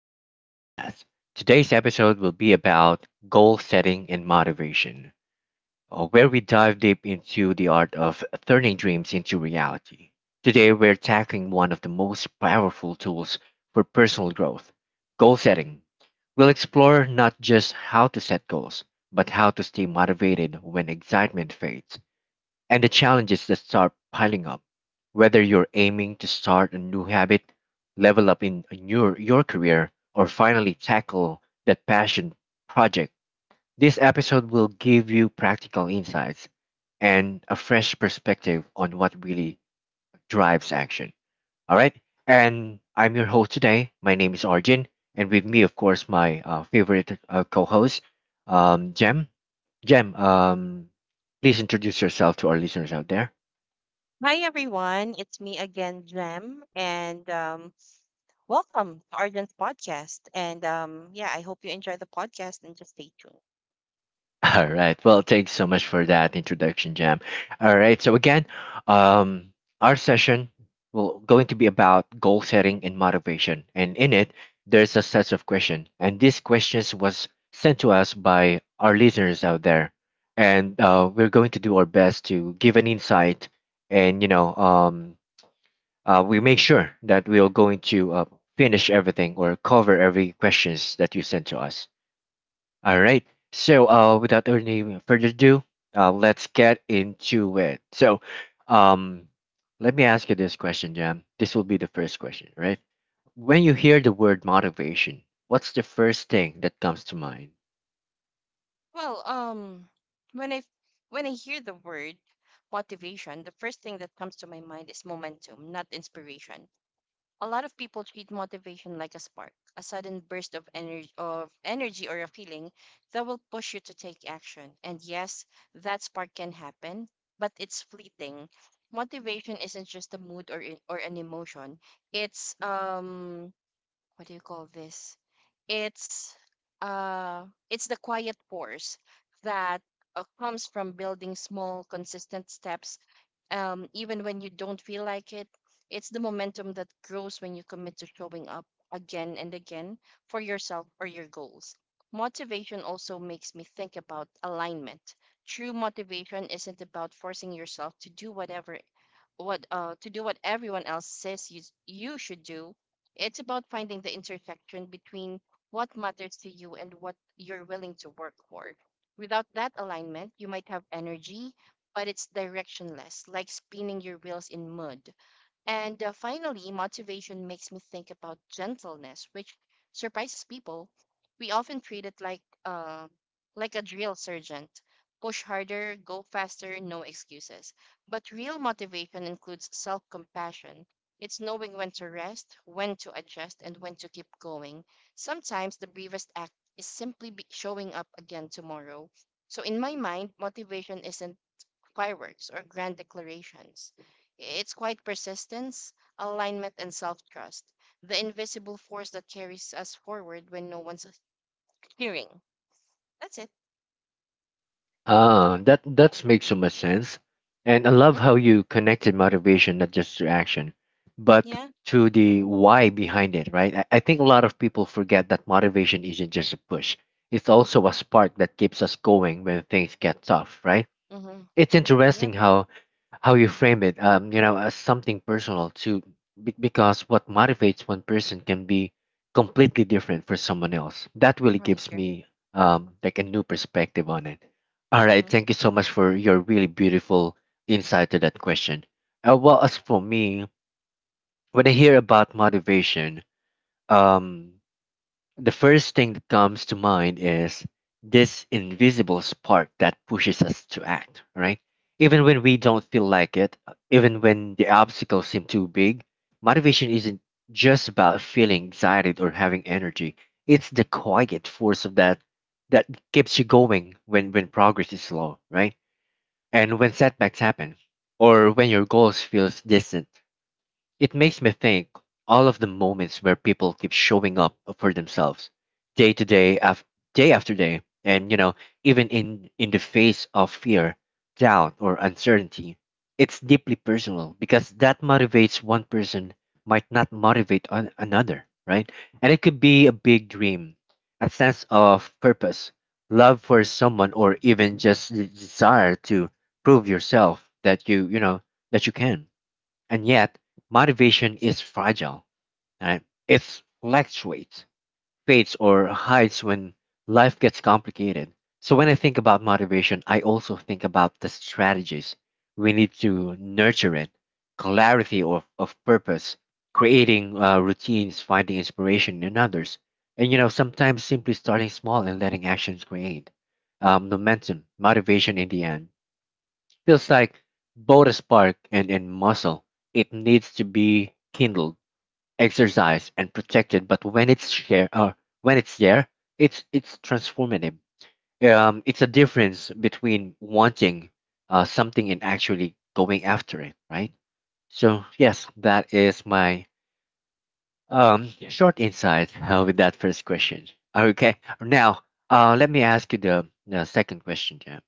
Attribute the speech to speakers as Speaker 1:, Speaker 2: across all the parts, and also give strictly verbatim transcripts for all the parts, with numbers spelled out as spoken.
Speaker 1: R J's podcast. Today's episode will be about goal setting and motivation, uh, where we dive deep into the art of turning dreams into reality. Today, we're tackling one of the most powerful tools for personal growth goal setting. We'll explore not just how to set goals, but how to stay motivated when excitement fades and the challenges that start piling up. Whether you're aiming to start a new habit, level up in your, your career, or finally tackle that passion project, this episode will give you practical insights and a fresh perspective on what really drives action. All right. And I'm your host today. My name is Arjun. And with me, of course, my uh, favorite uh, co host, um, Jem. Jem, um, please introduce yourself to our listeners out there.
Speaker 2: Hi everyone, it's me again, Jem, and um, welcome to Arden's podcast. And um, yeah, I hope you enjoy the podcast and just stay tuned.
Speaker 1: All right. Well, thanks so much for that introduction, Jam. All right. So again, um, our session will going to be about goal setting and motivation, and in it, there's a set of questions, and these questions was sent to us by our listeners out there, and uh, we're going to do our best to give an insight, and you know, um, uh, we make sure that we are going to uh, finish everything or cover every questions that you sent to us. All right. So, uh, without any further ado, uh, let's get into it. So, um, let me ask you this question, Jam. This will be the first question, right? When you hear the word motivation, what's the first thing that comes to mind?
Speaker 2: Well, um, when I when I hear the word motivation, the first thing that comes to my mind is momentum, not inspiration. A lot of people treat motivation like a spark, a sudden burst of energy of energy or a feeling that will push you to take action. And yes, that spark can happen, but it's fleeting. Motivation isn't just a mood or i- or an emotion. It's um what do you call this? It's uh it's the quiet force that uh, comes from building small consistent steps um even when you don't feel like it. It's the momentum that grows when you commit to showing up again and again for yourself or your goals. Motivation also makes me think about alignment. True motivation isn't about forcing yourself to do whatever what uh to do what everyone else says you you should do. It's about finding the intersection between what matters to you and what you're willing to work for. Without that alignment, you might have energy, but it's directionless, like spinning your wheels in mud. And uh, finally, motivation makes me think about gentleness, which surprises people. We often treat it like uh, like a drill sergeant. Push harder, go faster, no excuses. But real motivation includes self compassion. It's knowing when to rest, when to adjust, and when to keep going. Sometimes the bravest act is simply be showing up again tomorrow. So, in my mind, motivation isn't fireworks, or grand declarations. It's quite persistence, alignment, and self trust, the invisible force that carries us forward when no one's hearing. That's it.
Speaker 1: Ah, that that makes so much sense. And I love
Speaker 2: Hmm?
Speaker 1: how you connected motivation not just to action, but
Speaker 2: Yeah.
Speaker 1: to the
Speaker 2: Mm-hmm.
Speaker 1: why behind it, right? I, I think a lot of people forget that motivation isn't just a push. It's also a spark that keeps us going when things get tough, right?
Speaker 2: Mm-hmm.
Speaker 1: It's
Speaker 2: Yep.
Speaker 1: interesting how how you frame it, um, you know, as something personal too, be- because what motivates one person can be completely different for someone else. That really
Speaker 2: Right,
Speaker 1: gives
Speaker 2: right.
Speaker 1: me um, like a new perspective on it. All right,
Speaker 2: Mm-hmm.
Speaker 1: thank you so much for your really beautiful insight to that question. Uh, well, as for me, when I hear about motivation, um, the first thing that comes to mind is this invisible spark that pushes us to act, right? Even when we don't feel like it, even when the obstacles seem too big, motivation isn't just about feeling excited or having energy. It's the quiet force of that that keeps you going when, when progress is slow, right? And when setbacks happen, or when your goals feels distant it makes me think all of the moments where people keep showing up for themselves, day to day, af- day after day, and you know, even in in the face of fear, doubt, or uncertainty. It's deeply personal because that motivates one person might not motivate an- another, right? And it could be a big dream, a sense of purpose, love for someone, or even just the desire to prove yourself that you you know that you can and yet, motivation is fragile. Right? It fluctuates, fades, or hides when life gets complicated. So, when I think about motivation, I also think about the strategies we need to nurture it clarity of, of purpose, creating uh, routines, finding inspiration in others. And, you know, sometimes simply starting small and letting actions create um, momentum, motivation in the end. Feels like both a spark and a muscle. It needs to be kindled, exercised, and protected. But when it's share, uh, when it's there, it's it's transformative. Um, it's a difference between wanting uh, something and actually going after it, right? So yes, that is my um short insight uh, with that first question. Okay, now uh, let me ask you the, the second question, Jam.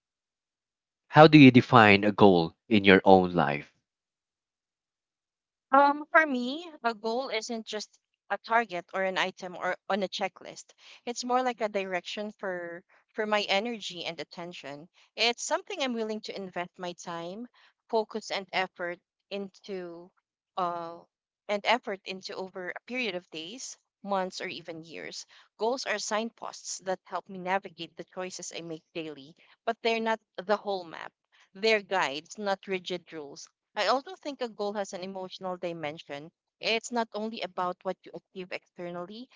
Speaker 1: How do you define a goal in your own life?
Speaker 2: Um, for me, a goal isn't just a target or an item or on a checklist. It's more like a direction for for my energy and attention. It's something I'm willing to invest my time, focus, and effort into, uh, and effort into over a period of days, months, or even years. Goals are signposts that help me navigate the choices I make daily, but they're not the whole map. They're guides, not rigid rules. I also think a goal has an emotional dimension. It's not only about what you achieve externally,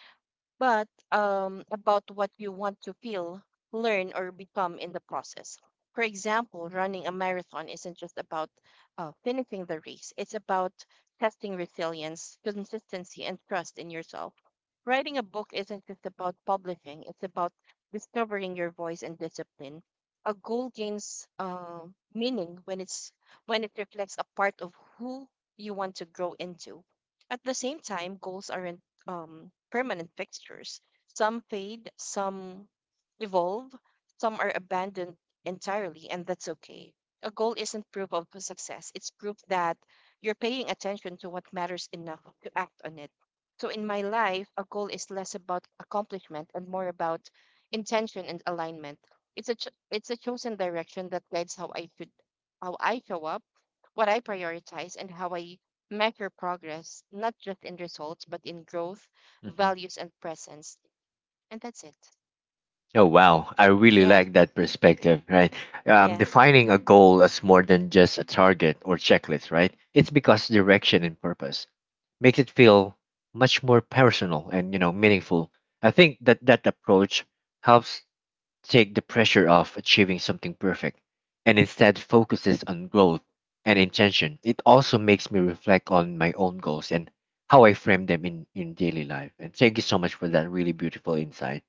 Speaker 2: but um, about what you want to feel, learn, or become in the process. For example, running a marathon isn't just about uh, finishing the race, it's about testing resilience, consistency, and trust in yourself. Writing a book isn't just about publishing, it's about discovering your voice and discipline. A goal gains uh, meaning when it's when it reflects a part of who you want to grow into. At the same time, goals aren't um, permanent fixtures. Some fade, some evolve, some are abandoned entirely, and that's okay. A goal isn't proof of success, it's proof that you're paying attention to what matters enough to act on it. So, in my life, a goal is less about accomplishment and more about intention and alignment. It's a cho- it's a chosen direction that guides how I should how I show up, what I prioritize, and how I measure progress, not just in results, but in growth,
Speaker 1: Mm-hmm.
Speaker 2: values, and presence. And that's it.
Speaker 1: Oh wow, I really
Speaker 2: Yeah,
Speaker 1: like that perspective, right? Um,
Speaker 2: yeah,
Speaker 1: defining a goal as more than just a target or checklist, right? It's because direction and purpose makes it feel much more personal and you know meaningful. I think that that approach helps take the pressure off achieving something perfect and instead focuses on growth and intention. It also makes me reflect on my own goals and how I frame them in, in daily life. And thank you so much for that really beautiful insight.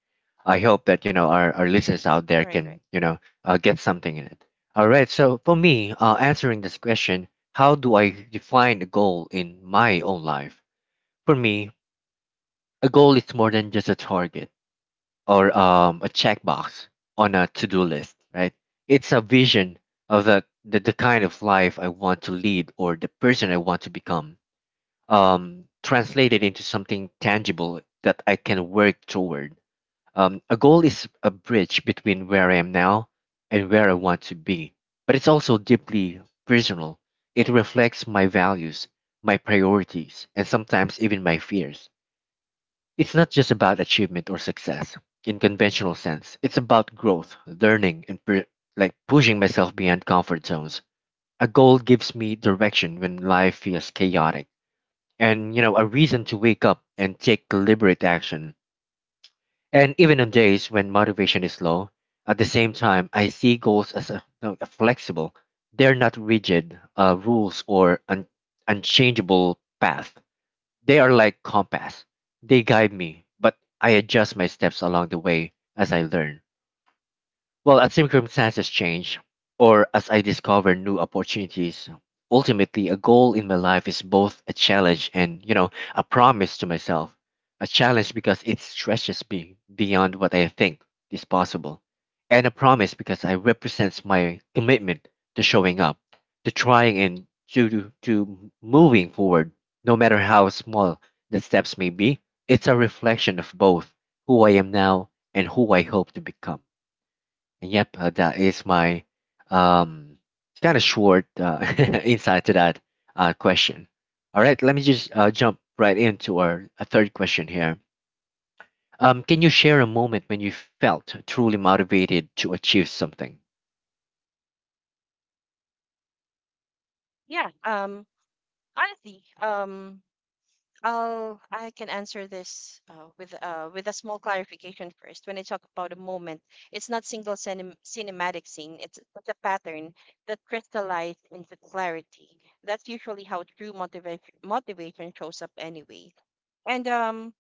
Speaker 1: I hope that you know our, our listeners out there
Speaker 2: right,
Speaker 1: can
Speaker 2: right.
Speaker 1: you know uh, get something in it. All right, so for me, uh, answering this question, how do I define a goal in my own life? For me, a goal is more than just a target or um, a checkbox on a to-do list, right? It's a vision of the, the the kind of life I want to lead or the person I want to become, um, translated into something tangible that I can work toward. Um, a goal is a bridge between where I am now and where I want to be, but it's also deeply personal. It reflects my values, my priorities, and sometimes even my fears. It's not just about achievement or success in conventional sense. It's about growth, learning, and pu- like pushing myself beyond comfort zones. A goal gives me direction when life feels chaotic, and you know a reason to wake up and take deliberate action. And even on days when motivation is low, at the same time, I see goals as a, no, a flexible. They're not rigid uh, rules or an unchangeable path. They are like compass. They guide me, but I adjust my steps along the way as I learn. Well, as circumstances change, or as I discover new opportunities, ultimately a goal in my life is both a challenge and, you know, a promise to myself. A challenge because it stretches me beyond what I think is possible, and a promise because I represents my commitment to showing up, to trying and to to to moving forward, no matter how small the steps may be. It's a reflection of both who I am now and who I hope to become. Yep, uh, that is my um, kind of short uh, insight to that uh, question. All right, let me just uh, jump right into our uh, third question here. Um, can you share a moment when you felt truly motivated to achieve something?
Speaker 2: Yeah. Um, honestly, um, I'll I can answer this uh, with uh with a small clarification first. When I talk about a moment, it's not single cinem cinematic scene. It's it's a pattern that crystallized into clarity. That's usually how true motivation motivation shows up anyway. And um,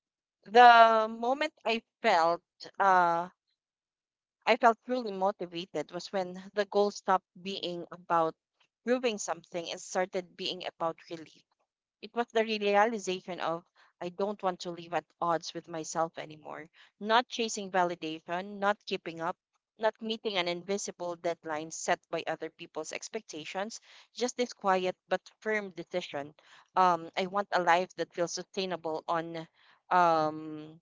Speaker 2: the moment I felt uh, I felt really motivated was when the goal stopped being about proving something and started being about relief. It was the realization of I don't want to live at odds with myself anymore, not chasing validation, not keeping up, not meeting an invisible deadline set by other people's expectations, just this quiet but firm decision. Um, I want a life that feels sustainable on um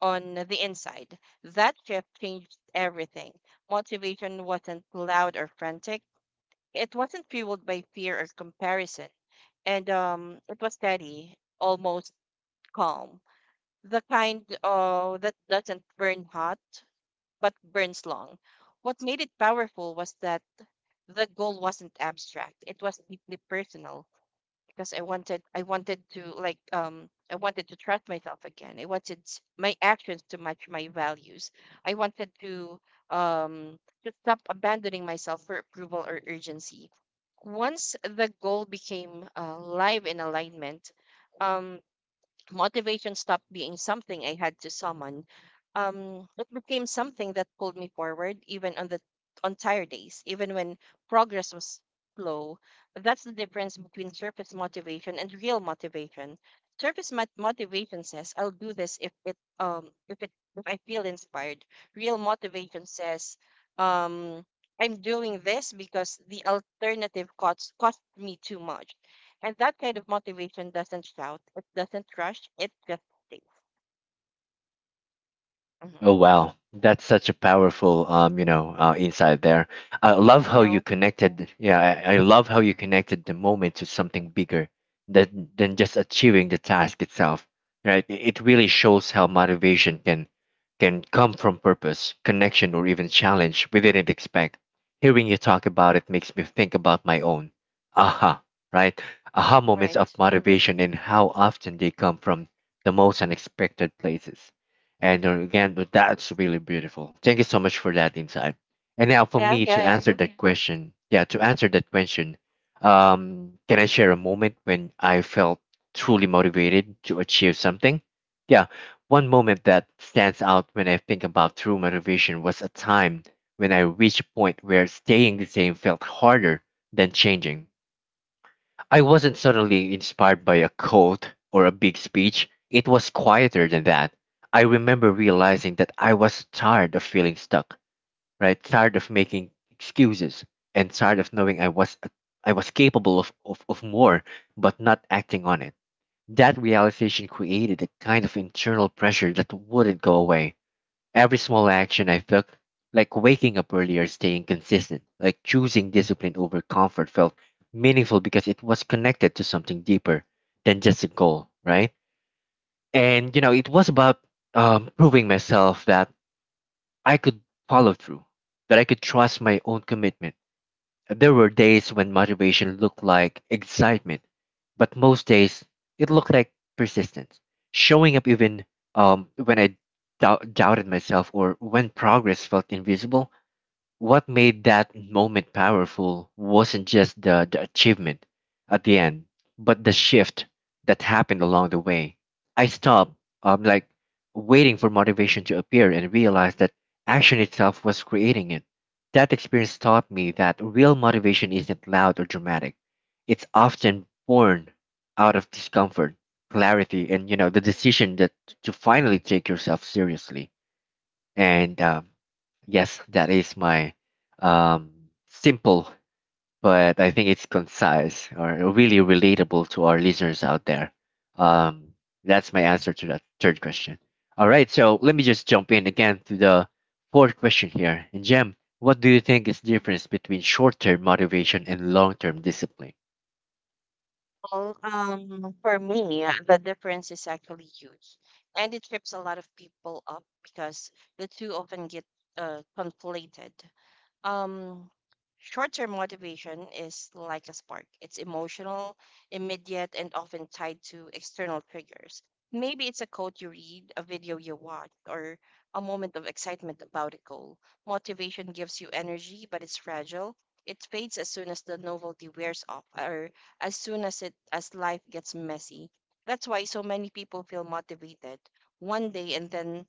Speaker 2: on the inside. That shift changed everything. Motivation wasn't loud or frantic, it wasn't fueled by fear or comparison, and um, it was steady, almost calm. The kind uh, that doesn't burn hot, but burns long. What made it powerful was that the goal wasn't abstract, it was deeply personal because I wanted I wanted to like um I wanted to trust myself again. I wanted s- my actions to match my values. I wanted to um to stop abandoning myself for approval or urgency. Once the goal became uh, live in alignment, um, motivation stopped being something I had to summon. Um, it became something that pulled me forward, even on the on tired days, even when progress was slow. That's the difference between surface motivation and real motivation. Surface mot- motivation says, "I'll do this if it um if it if I feel inspired." Real motivation says, um, "I'm doing this because the alternative cost cost me too much." And that kind of motivation doesn't shout, it doesn't rush, it just stays. Mhm.
Speaker 1: Oh wow, that's such a powerful um, you know, uh, insight there. I love
Speaker 2: I
Speaker 1: how you
Speaker 2: know,
Speaker 1: connected. Yeah, I, I love how you connected the moment to something bigger than than just achieving the task itself. Right? It it really shows how motivation can can come from purpose, connection, or even challenge we didn't expect. Hearing you talk about it makes me think about my own aha, right? Aha moments of
Speaker 2: right?
Speaker 1: motivation and how often they come from the most unexpected places. And uh, again, but that's really beautiful. Thank you so much for that insight. And now for
Speaker 2: Yeah,
Speaker 1: me to
Speaker 2: yeah, yeah.
Speaker 1: answer that question, yeah, to answer that question, um, can I share a moment when I felt truly motivated to achieve something? Yeah, one moment that stands out when I think about true motivation was a time when I reached a point where staying the same felt harder than changing. I wasn't suddenly inspired by a quote or a big speech. It was quieter than that. I remember realizing that I was tired of feeling stuck, right? Tired of making excuses and tired of knowing I was I was capable of, of, of more but not acting on it. That realization created a kind of internal pressure that wouldn't go away. Every small action I took, like waking up earlier, staying consistent, like choosing discipline over comfort, felt meaningful because it was connected to something deeper than just a goal, right? And, you know, it was about um, proving myself that I could follow through, that I could trust my own commitment there were days when motivation looked like excitement, but most days it looked like persistence, showing up even um, when I dou- doubted myself or when progress felt invisible. What made that moment powerful wasn't just the, the achievement at the end, but the shift that happened along the way. I stopped, um, like waiting for motivation to appear and realized that action itself was creating it. That experience taught me that real motivation isn't loud or dramatic. It's often born out of discomfort, clarity, and you know the decision that to finally take yourself seriously. And um, yes, that is my um, simple, but I think it's concise or really relatable to our listeners out there. Um, that's my answer to that third question. All right, so let me just jump in again to the fourth question here. And Jem, what do you think is difference between short-term motivation and long-term discipline?
Speaker 2: Well, um, for me, uh, the difference is actually huge, and it trips a lot of people up because the two often get uh conflated. Um, short-term motivation is like a spark. It's emotional, immediate, and often tied to external triggers. Maybe it's a quote you read, a video you watch, or a moment of excitement about a goal. Motivation gives you energy, but it's fragile. It fades as soon as the novelty wears off, or as soon as it as life gets messy. That's why so many people feel motivated one day and then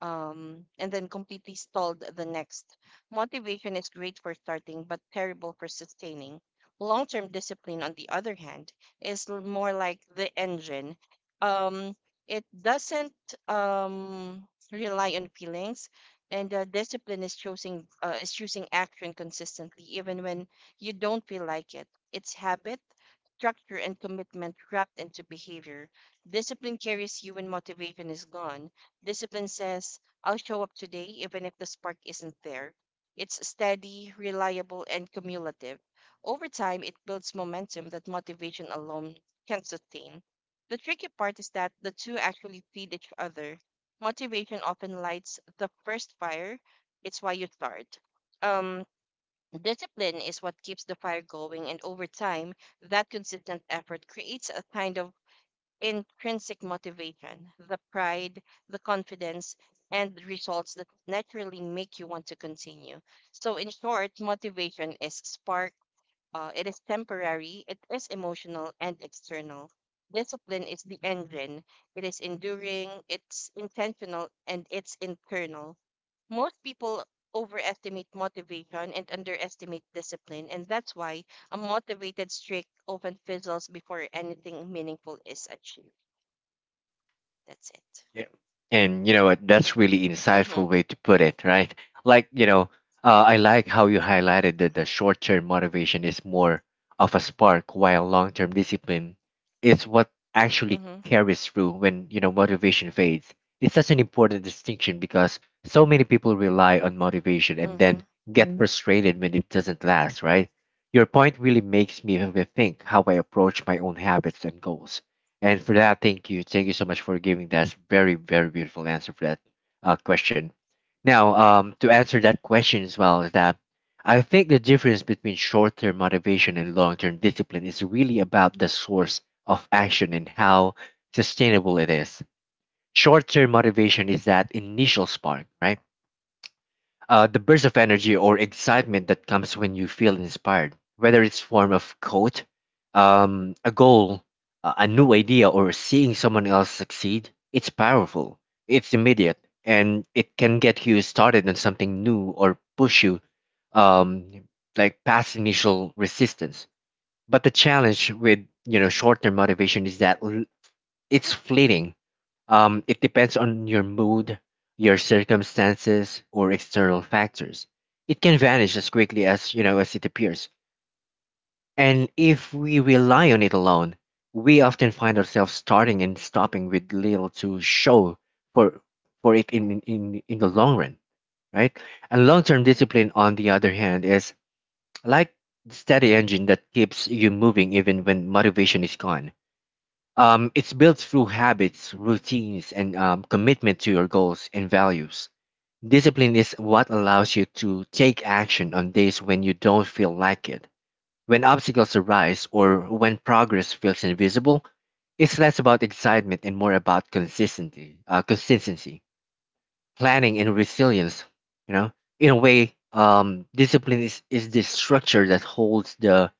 Speaker 2: um, and then completely stalled the next. Motivation is great for starting, but terrible for sustaining. Long term discipline, on the other hand, is l- more like the engine. Um, it doesn't um, rely on feelings, and uh, discipline is choosing uh, is choosing action consistently, even when you don't feel like it. It's habit, structure, and commitment wrapped into behavior. Discipline carries you when motivation is gone. Discipline says, I'll show up today even if the spark isn't there. It's steady, reliable, and cumulative. Over time, it builds momentum that motivation alone can sustain. The tricky part is that the two actually feed each other. Motivation often lights the first fire, it's why you start. Um, discipline is what keeps the fire going, and over time, that consistent effort creates a kind of intrinsic motivation, the pride, the confidence, and results that naturally make you want to continue. So, in short, motivation is spark, uh, it is temporary, it is emotional and external. Discipline is the engine, it is enduring, it's intentional, and it's internal. Most people overestimate motivation and underestimate discipline, and that's why a motivated streak often fizzles before anything meaningful is achieved. That's it.
Speaker 1: Yeah. And you know what? That's really insightful
Speaker 2: Mm-hmm.
Speaker 1: way to put it, right? Like you know, uh, I like how you highlighted that the short-term motivation is more of a spark, while long-term discipline is what
Speaker 2: Mm-hmm.
Speaker 1: actually carries through when you know motivation fades. It's such an important distinction because so many people rely on motivation and
Speaker 2: Mm-hmm.
Speaker 1: then get Mhm. frustrated when it doesn't last, right? Your point really makes me rethink how I approach my own habits and goals. And for that, thank you. Thank you so much for giving that very, very beautiful answer for that uh, question. Now, um, to answer that question as well, is that I think the difference between short term motivation and long term discipline is really about the source of action and how sustainable it is. Short term motivation is that initial spark, right? Uh, the burst of energy or excitement that comes when you feel inspired, whether it's form of quote, um, a goal, a a new idea, or seeing someone else succeed, it's powerful, it's immediate, and it can get you started on something new or push you um, like past initial resistance. But the challenge with you know short-term motivation is that it's fleeting. Um, it depends on your mood, your circumstances, or external factors. It can vanish as quickly as you know as it appears. And if we rely on it alone, we often find ourselves starting and stopping with little to show for for it in in in the long run, right? And long-term discipline, on the other hand, is like the steady engine that keeps you moving even when motivation is gone. Um, it's built through habits, routines, and um, commitment to your goals and values. Discipline is what allows you to take action on days when you don't feel like it. When obstacles arise or when progress feels invisible, it's less about excitement and more about consistency, uh, consistency, planning, and resilience. You know, in a way, um, discipline is, is the structure that holds the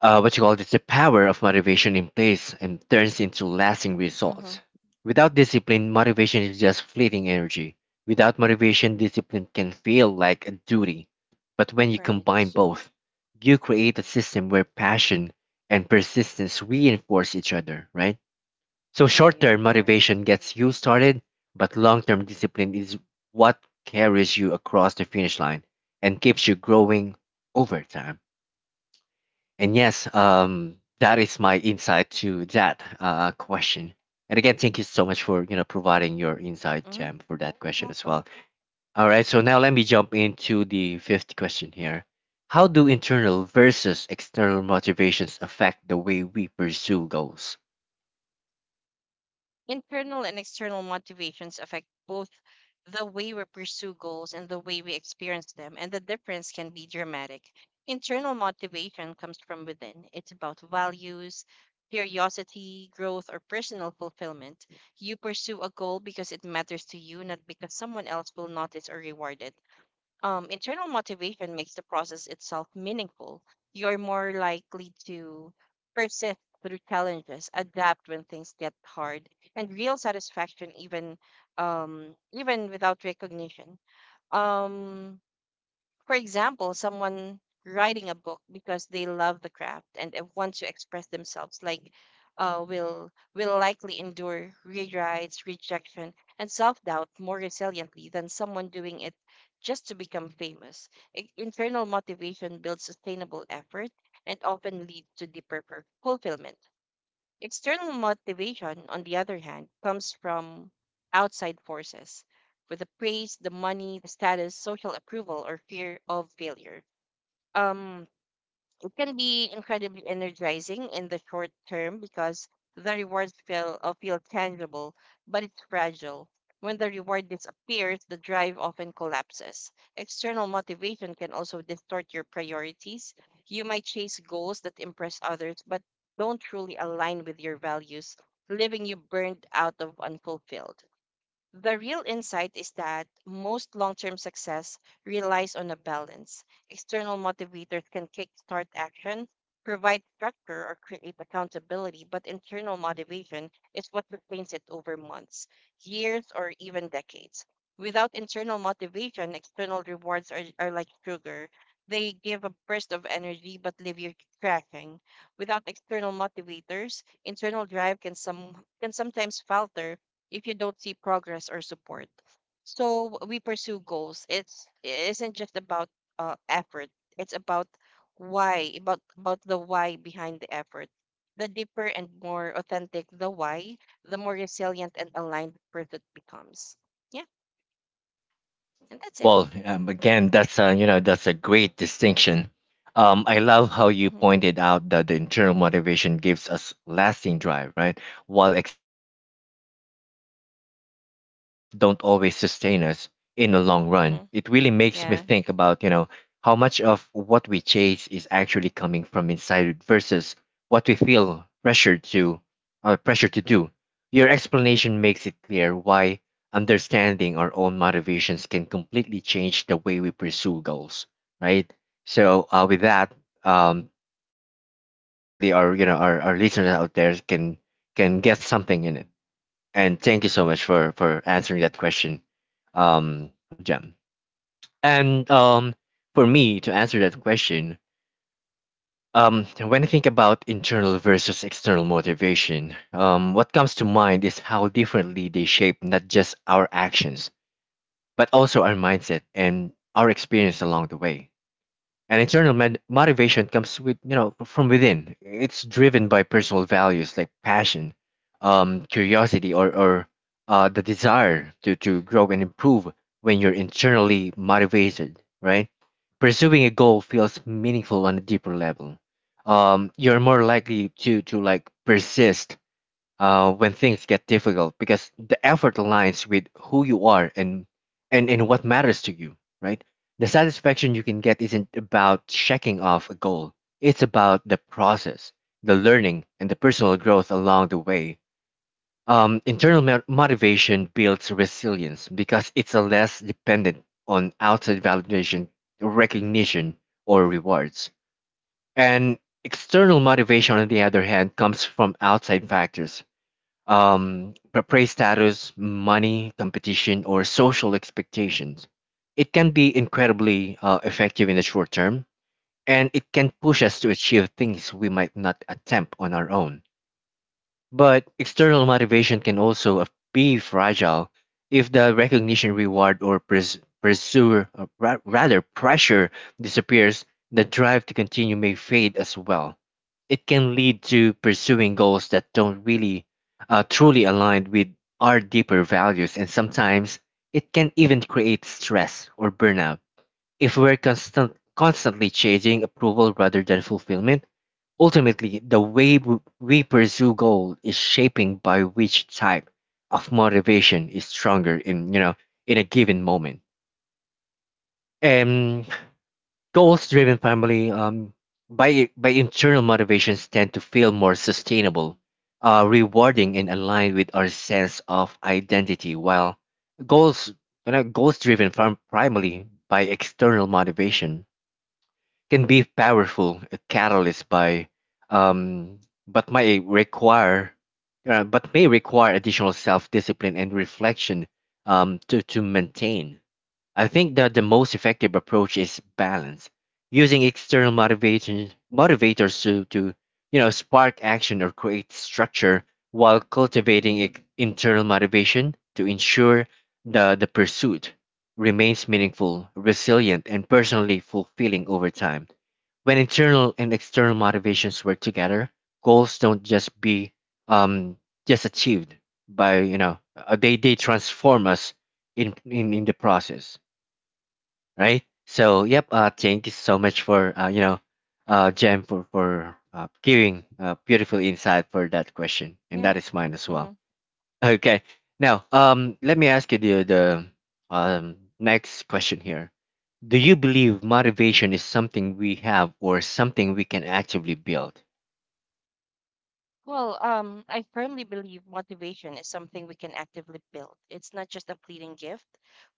Speaker 1: uh, what you call this, the power of motivation in place and turns into lasting
Speaker 2: Mm-hmm.
Speaker 1: results. Without discipline, motivation is just fleeting energy. Without motivation, discipline can feel like a duty. But when you
Speaker 2: Right.
Speaker 1: combine both, you create a system where passion and persistence reinforce each other, right? So
Speaker 2: Yeah,
Speaker 1: short
Speaker 2: yeah.
Speaker 1: term
Speaker 2: Right.
Speaker 1: motivation gets you started, but long term discipline is what carries you across the finish line and keeps you growing over time. And yes, um, that is my insight to that uh, question. And again, thank you so much for you know providing your insight,
Speaker 2: Mm-hmm.
Speaker 1: Jam, for that question as
Speaker 2: Welcome.
Speaker 1: well. All right, so now let me jump into the fifth question here. How do internal versus external motivations affect the way we pursue goals?
Speaker 2: Internal and external motivations affect both the way we pursue goals and the way we experience them, and the difference can be dramatic. Internal motivation comes from within. It's about values, curiosity, growth, or personal fulfillment. You pursue a goal because it matters to you, not because someone else will notice or reward it. Um, internal motivation makes the process itself meaningful. You're more likely to persist through challenges, adapt when things get hard, and real satisfaction even um, even without recognition. Um, for example, someone writing a book because they love the craft and uh, want to express themselves, like uh, will will likely endure rewrites, rejection, and self doubt more resiliently than someone doing it just to become famous. I- Internal motivation builds sustainable effort and often leads to deeper fur- fulfillment. External motivation, on the other hand, comes from outside forces, with the praise, the money, the status, social approval, or fear of failure. Um, it can be incredibly energizing in the short term because the rewards feel uh, feel tangible, but it's fragile. When the reward disappears, the drive often collapses. External motivation can also distort your priorities. You might chase goals that impress others but don't truly align with your values, leaving you burned out of unfulfilled. The real insight is that most long term success relies on a balance. External motivators can kickstart action, provide structure, or create accountability, but internal motivation is what sustains it over months, years, or even decades. Without internal motivation, external rewards are, are like sugar. They give a burst of energy but leave you crashing. Without external motivators, internal drive can some can sometimes falter if you don't see progress or support. So w- we pursue goals. It's it isn't just about uh, effort. It's about why, about about the why behind the effort. The deeper and more authentic the why, the more resilient and aligned the pursuit becomes. Yeah, and that's it.
Speaker 1: Well, um, again, that's a, you know that's a great distinction. Um, I love how you
Speaker 2: Mm-hmm.
Speaker 1: pointed out that the internal motivation gives us lasting drive, right? While external factors and, and can push us, but don't always sustain us in the long run.
Speaker 2: Mm-hmm.
Speaker 1: It really makes me
Speaker 2: Yeah.
Speaker 1: think about you know how much of what we chase is actually coming from inside versus what we feel pressured to, uh, pressure to do. Your explanation makes it clear why understanding our own motivations can completely change the way we pursue goals, right? So uh, with that, um, definitely our you know our, our listeners out there can can get something in it, and thank you so much for for answering that question, um Jem. And um for me to answer that question, um when I think about internal versus external motivation, um what comes to mind is how differently they shape not just our actions but also our mindset and our experience along the way. And internal med- motivation comes with you know from within. It's driven by personal values like passion, um, curiosity, or or uh, the desire to to grow and improve. When you're internally motivated, right? Pursuing a goal feels meaningful on a deeper level. Um, you're more likely to to like persist uh, when things get difficult because the effort aligns with who you are and and and what matters to you, right? The satisfaction you can get isn't about checking off a goal, it's about the process, the learning, and the personal growth along the way. Um, internal mo- motivation builds resilience because it's a less dependent on outside validation, recognition, or rewards. And external motivation, on the other hand, comes from outside factors, um, p- praise, status, money, competition, or social expectations. It can be incredibly uh, effective in the short term, and it can push us to achieve things we might not attempt on our own. But external motivation can also be fragile if the recognition, reward, or pres- pursue, or ra- rather pressure disappears. The drive to continue may fade as well. It can lead to pursuing goals that don't really uh, truly align with our deeper values, and sometimes it can even create stress or burnout. If we're constant, constantly chasing approval rather than fulfillment, ultimately the way w- we pursue goal is shaping by which type of motivation is stronger in you know in a given moment. And goals driven family, um, by by internal motivations tend to feel more sustainable, uh, rewarding, and aligned with our sense of identity, while goals, you know, goals driven from primarily by external motivation can be powerful a catalyst by um, but may require uh, but may require additional self-discipline and reflection um, to, to maintain. I think that the most effective approach is balance, using external motivation, motivators to, to you know spark action or create structure while cultivating ex- internal motivation to ensure the, the pursuit remains meaningful, resilient, and personally fulfilling over time. When internal and external motivations work together, goals don't just be um just achieved by you know uh, they they transform us in in in the process, right? So yep, uh, thank you so much for uh, you know uh Jem for for uh, giving a beautiful insight for that question, and
Speaker 2: Yeah.
Speaker 1: that is mine as well.
Speaker 2: Mm-hmm.
Speaker 1: Okay. Now, um, let me ask you the the um, next question here. Do you believe motivation is something we have or something we can actively build?
Speaker 2: Well, um, I firmly believe motivation is something we can actively build. It's not just a fleeting gift.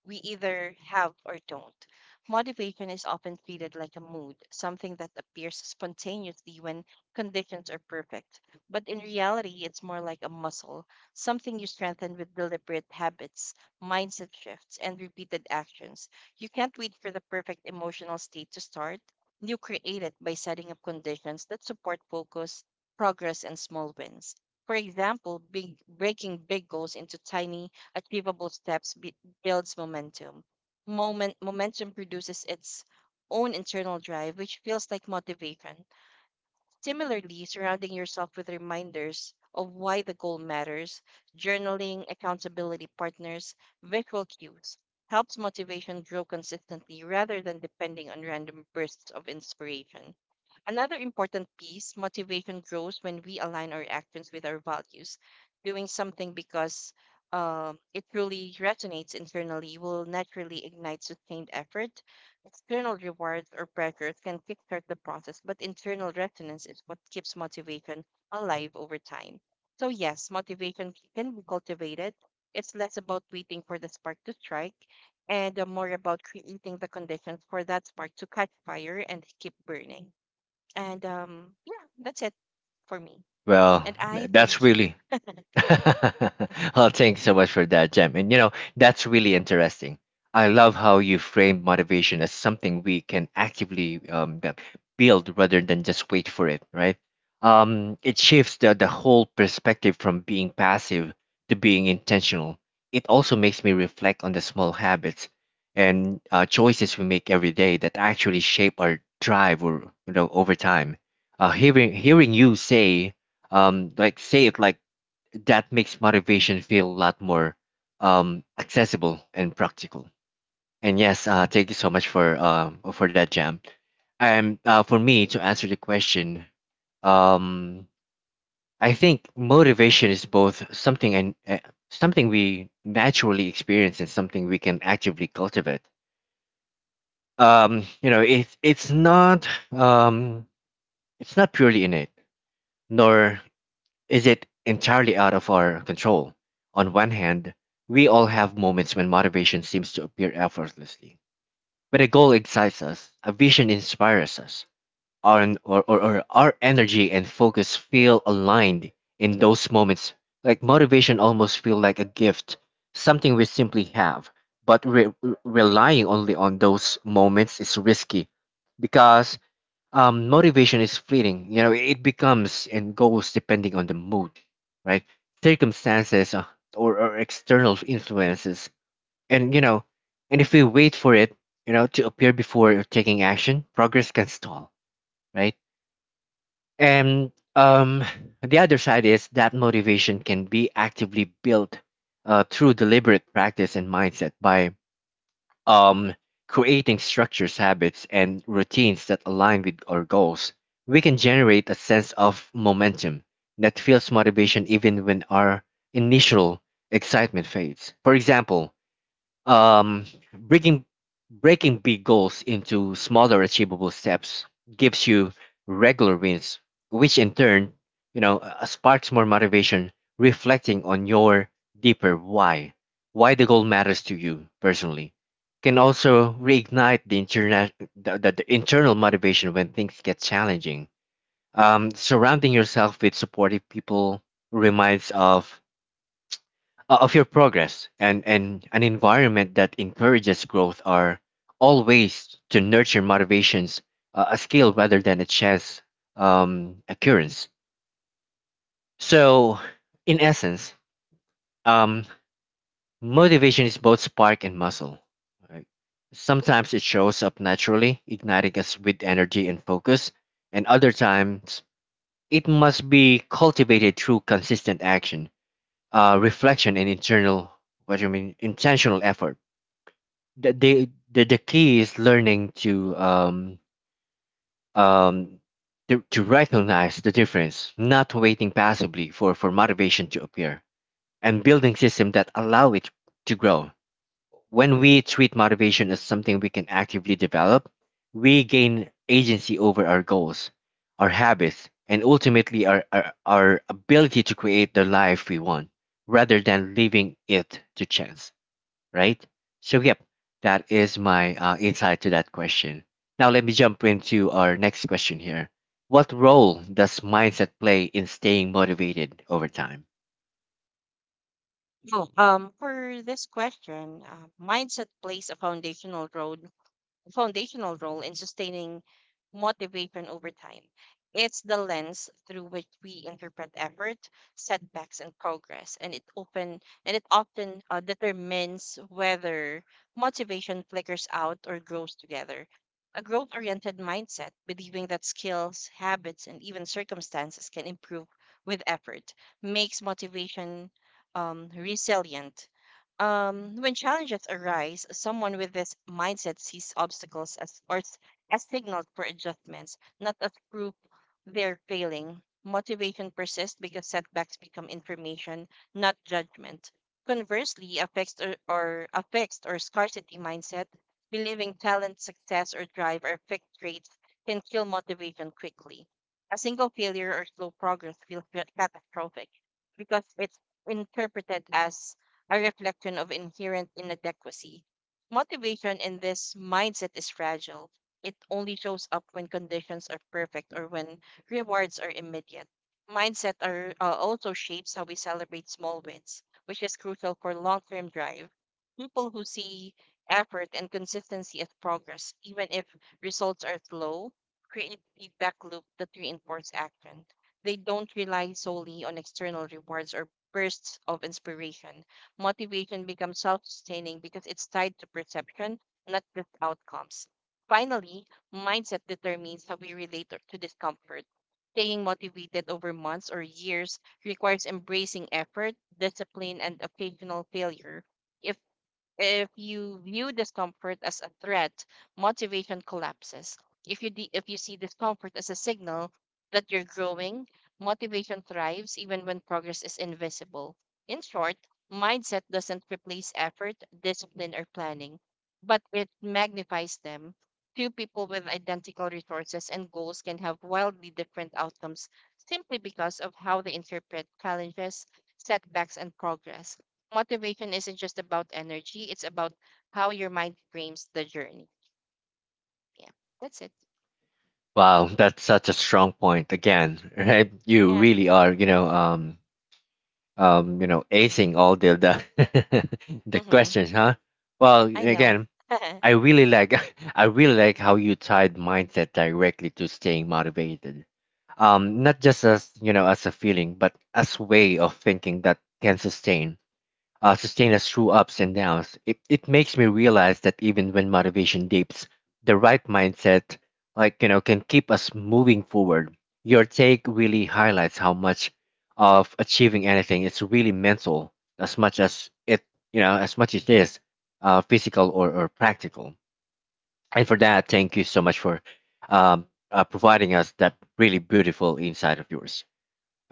Speaker 2: We either have or don't. Motivation is often treated like a mood, something that appears spontaneously when conditions are perfect. But in reality, it's more like a muscle, something you strengthen with deliberate habits, mindset shifts, and repeated actions. You can't wait for the perfect emotional state to start. You create it by setting up conditions that support focus, progress, and small wins. For example, big, breaking big goals into tiny, achievable steps b- builds momentum. Moment, momentum produces its own internal drive, which feels like motivation. Similarly, surrounding yourself with reminders of why the goal matters, journaling, accountability partners, visual cues helps motivation grow consistently rather than depending on random bursts of inspiration. Another important piece: motivation grows when we align our actions with our values. Doing something because um it truly resonates internally will naturally ignite sustained effort. External rewards or pressures can kickstart the process, but internal resonance is what keeps motivation alive over time. So, yes, motivation can be cultivated. It's less about waiting for the spark to strike and uh, more about creating the conditions for that spark to catch fire and keep burning. And um, yeah, that's it for me.
Speaker 1: Well,
Speaker 2: And
Speaker 1: th-
Speaker 2: I
Speaker 1: that's
Speaker 2: thank you.
Speaker 1: really well, thanks so much for that, Jem. And you know, that's really interesting. I love how you frame motivation as something we can actively um, the- build rather than just wait for it, right? Um, it shifts the, the whole perspective from being passive to being intentional. It also makes me reflect on the small habits and uh, choices we make every day that actually shape our drive or, you know, over time. Uh, hearing, hearing you say, um, like, say it like that makes motivation feel a lot more um, accessible and practical. And yes, uh, thank you so much for um for that, Jam. And uh, for me to answer the question, um, I think motivation is both something and uh, something we naturally experience and something we can actively cultivate. Um, you know, it's it's not um, it's not purely innate, nor is it entirely out of our control. On one hand, we all have moments when motivation seems to appear effortlessly. When a goal excites us, a vision inspires us, our, or, or, or our energy and focus feel aligned in those moments, like motivation almost feel like a gift, something we simply have. But re- re- relying only on those moments is risky because um, motivation is fleeting. You know, it becomes and goes depending on the mood, right? Circumstances uh, or, or external influences. And, you know, and if we wait for it, you know, to appear before taking action, progress can stall, right? And um, the other side is that motivation can be actively built uh, through deliberate practice and mindset by um, creating structures, habits, and routines that align with our goals, we can generate a sense of momentum that fuels motivation even when our initial excitement fades. For example, um, breaking breaking big goals into smaller achievable steps gives you regular wins, which in turn, you know, uh, uh, sparks more motivation, reflecting on your deeper why, why the goal matters to you personally. Can also reignite the internal, the, the, the internal motivation when things get challenging. Um, surrounding yourself with supportive people reminds of uh, of your progress, and, and an environment that encourages growth are all ways to nurture motivations, uh, a skill rather than a chance um, occurrence. So, in essence, um, motivation is both spark and muscle. Right? Sometimes it shows up naturally, igniting us with energy and focus, and other times it must be cultivated through consistent action, uh, reflection, and internal, what do you mean, intentional effort. the the the, the key is learning to um um to, to recognize the difference, not waiting passively for for motivation to appear, and building systems that allow it to grow. When we treat motivation as something we can actively develop, we gain agency over our goals, our habits, and ultimately our our, our ability to create the life we want rather than leaving it to chance, right? So, yep, that is my uh, insight to that question. Now, let me jump into our next question here. What role does mindset play in staying motivated over time?
Speaker 2: Oh, um, for this question, uh, mindset plays a foundational role foundational role in sustaining motivation over time. It's the lens through which we interpret effort, setbacks, and progress, and it often and it often uh, determines whether motivation flickers out or grows together. A growth-oriented mindset, believing that skills, habits, and even circumstances can improve with effort, makes motivation um, resilient. Um, when challenges arise, someone with this mindset sees obstacles as or s- as signals for adjustments, not as proof they're failing. Motivation persists because setbacks become information, not judgment. Conversely, a fixed or, or a fixed or scarcity mindset, believing talent, success, or drive are fixed traits, can kill motivation quickly. A single failure or slow progress feels ca- catastrophic because it's interpreted as a reflection of inherent inadequacy. Motivation in this mindset is fragile. It only shows up when conditions are perfect or when rewards are immediate. Mindset are, uh, also shapes how we celebrate small wins, which is crucial for long term drive. People who see effort and consistency as progress, even if results are slow, create feedback loop that reinforce action. They don't rely solely on external rewards or bursts of inspiration. Motivation becomes self sustaining because it's tied to perception, not just outcomes. Finally, mindset determines how we relate to to discomfort. Staying motivated over months or years requires embracing effort, discipline, and occasional failure. If if you view discomfort as a threat, motivation collapses. If you de- if you see discomfort as a signal that you're growing, motivation thrives even when progress is invisible. In short, mindset doesn't replace effort, discipline, or planning, but it magnifies them. Two people with identical resources and goals can have wildly different outcomes simply because of how they interpret challenges, setbacks, and progress. Motivation isn't just about energy, it's about how your mind frames the journey. Yeah, that's it.
Speaker 1: Wow, that's such a strong point again, right? You
Speaker 2: Yeah.
Speaker 1: really are, you know, um, um, you know, acing all the the, the
Speaker 2: Mm-hmm.
Speaker 1: questions, huh? Well,
Speaker 2: I know.
Speaker 1: again,
Speaker 2: Mm-hmm.
Speaker 1: I really like I really like how you tied mindset directly to staying motivated, um, not just as, you know as a feeling, but as way of thinking that can sustain, uh, sustain us through ups and downs. It it makes me realize that even when motivation dips, the right mindset, like you know, can keep us moving forward. Your take really highlights how much of achieving anything is really mental, as much as it, you know as much as it is uh, physical or or practical. And for that, thank you so much for um, uh, providing us that really beautiful insight of yours.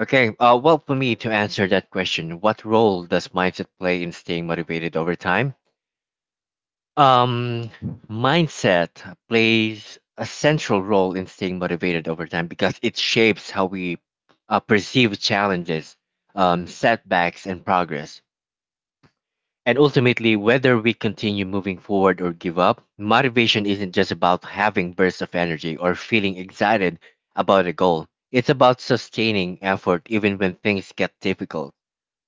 Speaker 1: Okay, uh, well, for me to answer that question, what role does mindset play in staying motivated over time? Um, Mindset plays a central role in staying motivated over time because it shapes how we uh, perceive challenges, um, setbacks, and progress. And ultimately, whether we continue moving forward or give up, motivation isn't just about having bursts of energy or feeling excited about a goal. It's about sustaining effort even when things get difficult,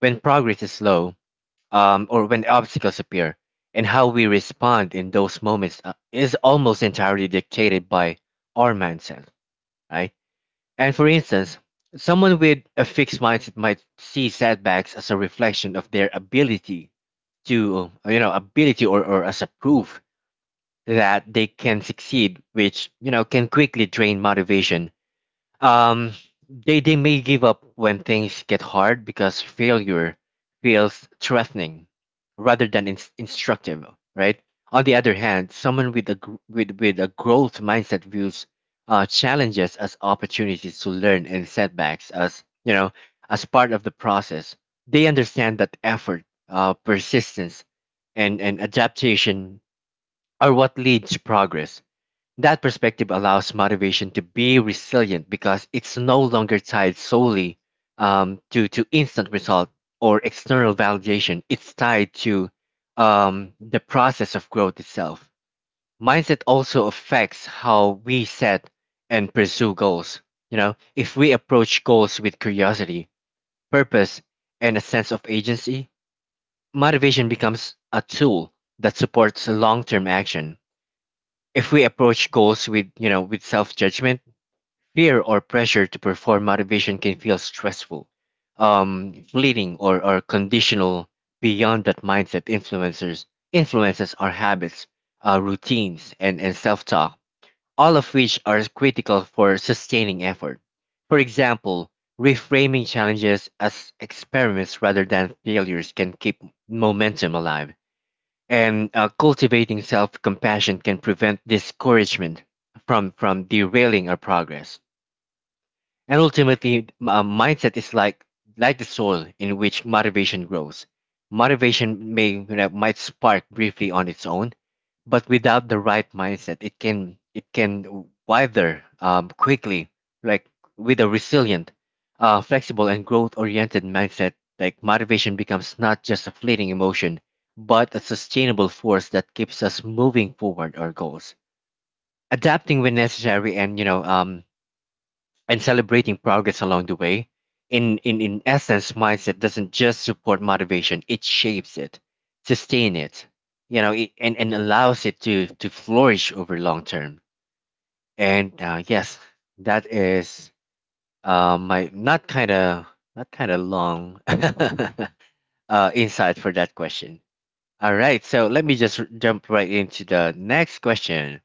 Speaker 1: when progress is slow, um, or when obstacles appear. And how we respond in those moments uh, is almost entirely dictated by our mindset, right? And for instance, someone with a fixed mindset might see setbacks as a reflection of their ability to, you know, ability or, or as a proof that they can succeed, which, you know, can quickly drain motivation. Um they they may give up when things get hard because failure feels threatening rather than ins instructive, right? On the other hand, someone with a gr- with with a growth mindset views uh, challenges as opportunities to learn, and setbacks as, you know as part of the process. They understand that effort, uh, persistence, and and adaptation are what leads to progress. That perspective allows motivation to be resilient because it's no longer tied solely um, to, to instant result or external validation. It's tied to um, the process of growth itself. Mindset also affects how we set and pursue goals. You know, if we approach goals with curiosity, purpose, and a sense of agency, motivation becomes a tool that supports long term action. If we approach goals with, you know, with self-judgment, fear, or pressure to perform, motivation can feel stressful, um, fleeting, or, or conditional. Beyond that, mindset influencers influences our habits, uh, routines, and, and self-talk, all of which are critical for sustaining effort. For example, reframing challenges as experiments rather than failures can keep momentum alive, and uh, cultivating self-compassion can prevent discouragement from from derailing our progress. And ultimately, m- a mindset is like like the soil in which motivation grows. Motivation may, you know, might spark briefly on its own, but without the right mindset, it can it can wither um, quickly. Like with a resilient, uh, flexible, and growth-oriented mindset, like motivation becomes not just a fleeting emotion, but a sustainable force that keeps us moving forward our goals, adapting when necessary, and, you know um, and celebrating progress along the way. In, in, in essence, mindset doesn't just support motivation, it shapes it, sustain it, you know, it, and, and allows it to, to flourish over long term. And uh, yes, that is uh, my not kind of not kind of long uh, insight for that question. All right, so let me just r- jump right into the next question.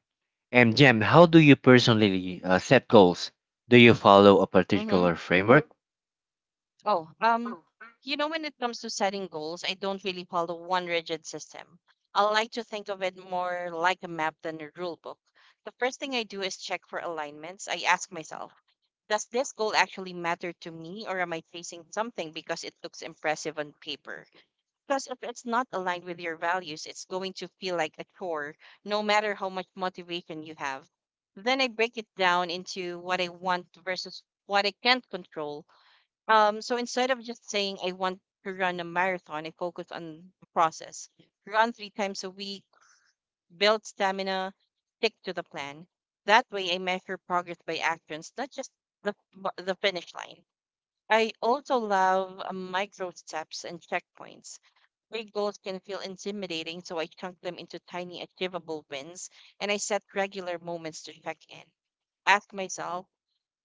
Speaker 1: And Jem, how do you personally uh, set goals? Do you follow a particular framework?
Speaker 2: Oh, um, you know, when it comes to setting goals, I don't really follow one rigid system. I like to think of it more like a map than a rule book. The first thing I do is check for alignments. I ask myself, does this goal actually matter to me, or am I chasing something because it looks impressive on paper? Plus, if it's not aligned with your values, it's going to feel like a chore, no matter how much motivation you have. Then I break it down into what I want versus what I can't control. Um, so instead of just saying I want to run a marathon, I focus on the process. Run three times a week, build stamina, stick to the plan. That way, I measure progress by actions, not just the the finish line. I also love uh, micro steps and checkpoints. Big goals can feel intimidating, so I chunk them into tiny, achievable wins, and I set regular moments to check in. Ask myself,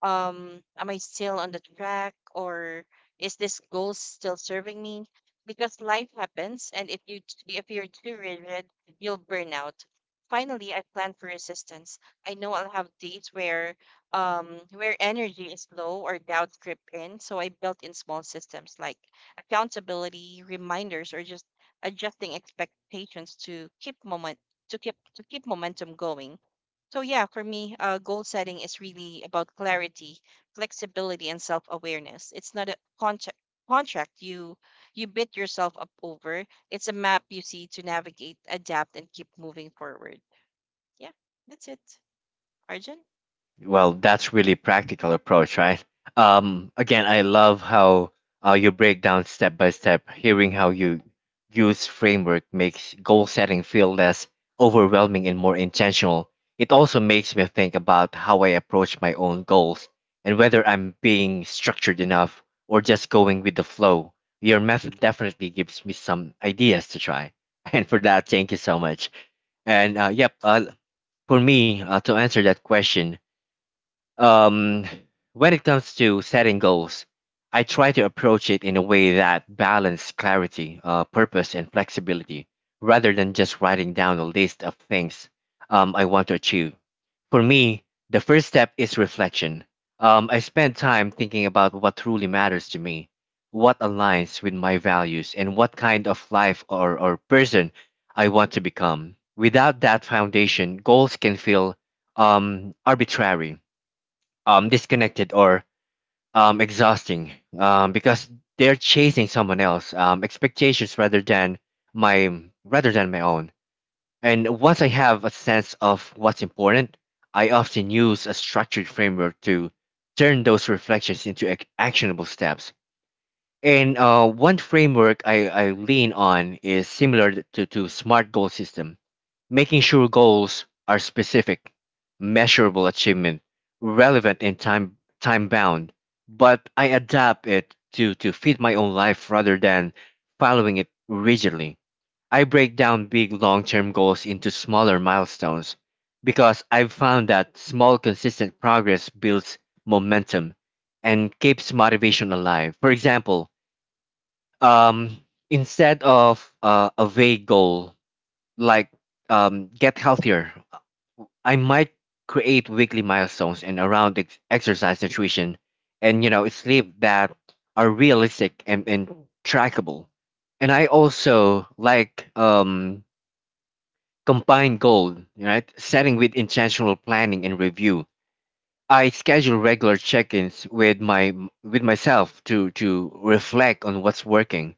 Speaker 2: um am I still on the track, or is this goal still serving me? Because life happens, and if you t- if you're too rigid, you'll burn out. Finally, I plan for resistance. I know I'll have days where um where energy is low or doubts grip in, so I built in small systems like accountability reminders, or just adjusting expectations to keep moment to keep to keep momentum going. So yeah, for me, uh, goal setting is really about clarity, flexibility, and self-awareness. It's not a contract contract you you bid yourself up over. It's a map you see to navigate, adapt, and keep moving forward. Yeah, that's it. Arjun.
Speaker 1: Well, that's really practical approach, right? Um, again, I love how uh, you break down step by step. Hearing how you use framework makes goal setting feel less overwhelming and more intentional. It also makes me think about how I approach my own goals and whether I'm being structured enough or just going with the flow. Your method definitely gives me some ideas to try. And for that, thank you so much. And uh, yep, uh, for me, uh, to answer that question, um, when it comes to setting goals, I try to approach it in a way that balances clarity, uh, purpose, and flexibility, rather than just writing down a list of things um, I want to achieve. For me, the first step is reflection. Um, I spend time thinking about what truly matters to me, what aligns with my values, and what kind of life or, or person I want to become. Without that foundation, goals can feel um, arbitrary, um, disconnected, or um, exhausting, um, because they're chasing someone else um, expectations rather than my rather than my own. And once I have a sense of what's important, I often use a structured framework to turn those reflections into ac- actionable steps. And uh, one framework I, I lean on is similar to, to SMART goal system. Making sure goals are specific, measurable achievement, relevant, and time time bound, but I adapt it to to fit my own life rather than following it rigidly. I break down big long-term goals into smaller milestones because I've found that small consistent progress builds momentum and keeps motivation alive. For example, um, instead of uh, a vague goal like um, get healthier. I might create weekly milestones and around ex- exercise, nutrition, and, you know sleep that are realistic and, and trackable. And I also like, um, combine goal, right? Setting with intentional planning and review. I schedule regular check-ins with my with myself to to reflect on what's working,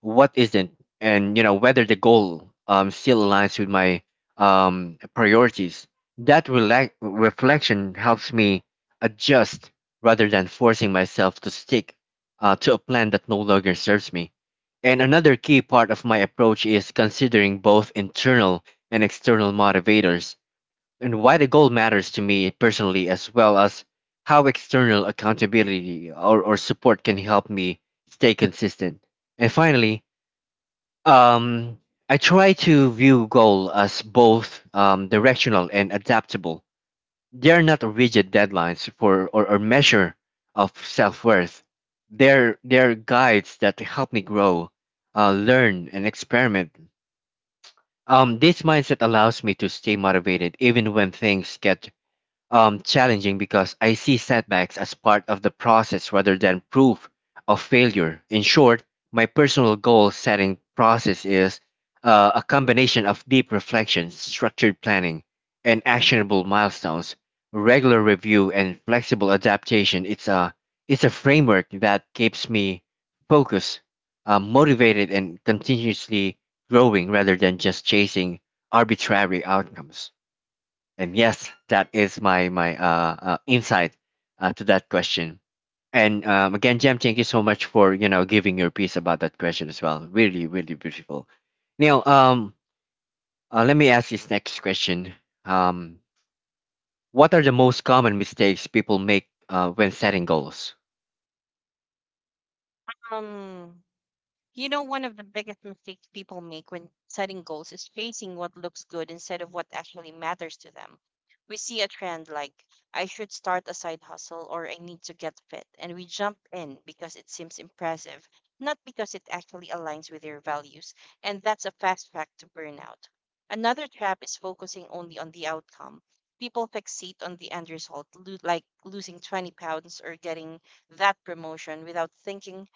Speaker 1: what isn't, and, you know whether the goal um still aligns with my um priorities. That relax reflection helps me adjust rather than forcing myself to stick uh, to a plan that no longer serves me. And another key part of my approach is considering both internal and external motivators, and why the goal matters to me personally as well as how external accountability or, or support can help me stay consistent. And finally, um, I try to view goal as both um, directional and adaptable. They are not rigid deadlines for or, or measure of self-worth. They're, they're guides that help me grow, uh, learn, and experiment. Um, this mindset allows me to stay motivated even when things get um, challenging because I see setbacks as part of the process rather than proof of failure. In short, my personal goal setting process is uh, a combination of deep reflection, structured planning, and actionable milestones, regular review, and flexible adaptation. It's a it's a framework that keeps me focused, uh, motivated, and continuously growing rather than just chasing arbitrary outcomes. And yes, that is my my uh, uh, insight uh, to that question. And um, again, Jem, thank you so much for, you know giving your piece about that question as well. Really, really beautiful. Now, um, uh, let me ask this next question. Um, what are the most common mistakes people make uh, when setting goals?
Speaker 2: Um, You know, one of the biggest mistakes people make when setting goals is chasing what looks good instead of what actually matters to them. We see a trend like, I should start a side hustle or I need to get fit, and we jump in because it seems impressive, not because it actually aligns with your values, and that's a fast track to burnout. Another trap is focusing only on the outcome. People fixate on the end result, lo- like losing twenty pounds or getting that promotion without thinking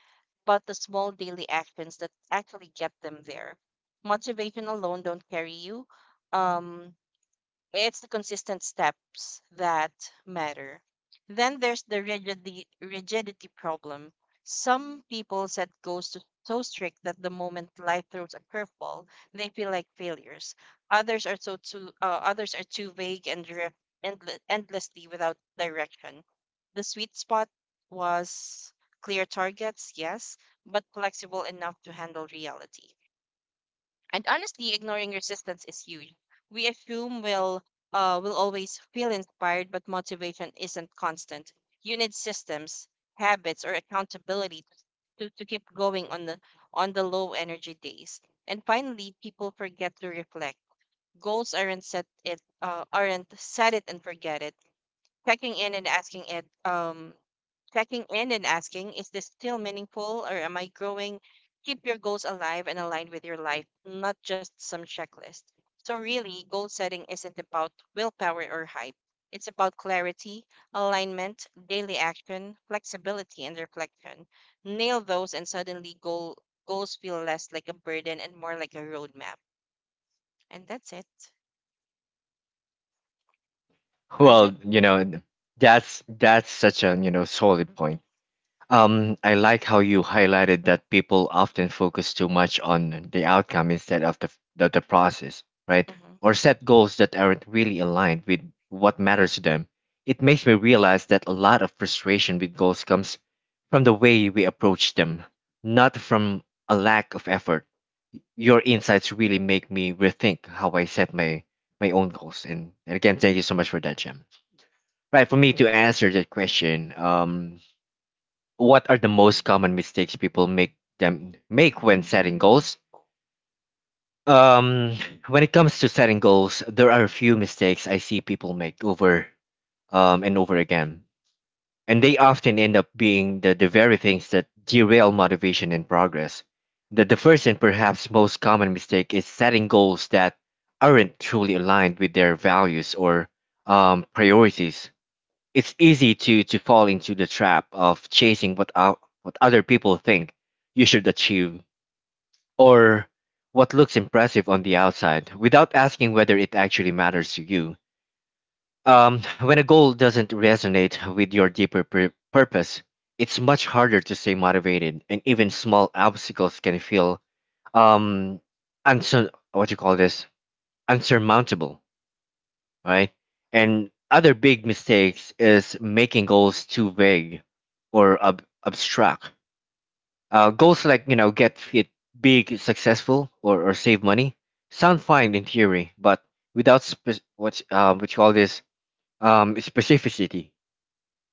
Speaker 2: about the small daily actions that actually get them there. Motivation alone don't carry you. Um, it's the consistent steps that matter. Then there's the rigidity, rigidity problem. Some people set goals to, so strict that the moment life throws a curveball, they feel like failures. Others are so too uh, others are too vague and drift endle- endlessly without direction. The sweet spot was clear targets, yes, but flexible enough to handle reality. And honestly, ignoring resistance is huge. We assume we'll uh, will always feel inspired, but motivation isn't constant. You need systems, habits, or accountability to, to keep going on the on the low energy days. And finally, people forget to reflect. Goals aren't set it uh, aren't set it and forget it. Checking in and asking it um checking in and asking, is this still meaningful, or am I growing? Keep your goals alive and aligned with your life, not just some checklist. So, really, goal setting isn't about willpower or hype. It's about clarity, alignment, daily action, flexibility, and reflection. Nail those, and suddenly goal, goals feel less like a burden and more like a roadmap. And that's it.
Speaker 1: Well,
Speaker 2: Arjun?
Speaker 1: you know, that's that's such a, you know solid point. Um, I like how you
Speaker 2: Mm-hmm.
Speaker 1: highlighted that people often focus too much on the outcome instead of the, the, the process, right?
Speaker 2: Mm-hmm.
Speaker 1: Or set goals that aren't really aligned with what matters to them. It makes me realize that a lot of frustration with goals comes from the way we approach them, not from a lack of effort. Your insights really make me rethink how I set my my own goals. And, and again, thank you so much for that, Jim. Right, for me to answer that question, um, what are the most common mistakes people make them make when setting goals? Um, when it comes to setting goals, there are a few mistakes I see people make over um, and over again, and they often end up being the, the very things that derail motivation and progress. The, the first and perhaps most common mistake is setting goals that aren't truly aligned with their values or um, priorities. It's easy to to fall into the trap of chasing what out, what other people think you should achieve or what looks impressive on the outside without asking whether it actually matters to you. Um, when a goal doesn't resonate with your deeper pur- purpose, it's much harder to stay motivated, and even small obstacles can feel um, unsur- what you call this unsurmountable, right? And other big mistakes is making goals too vague or ab- abstract. Uh, goals like you know get fit, big, successful, or, or save money sound fine in theory, but without spe- what's um what you call this um specificity.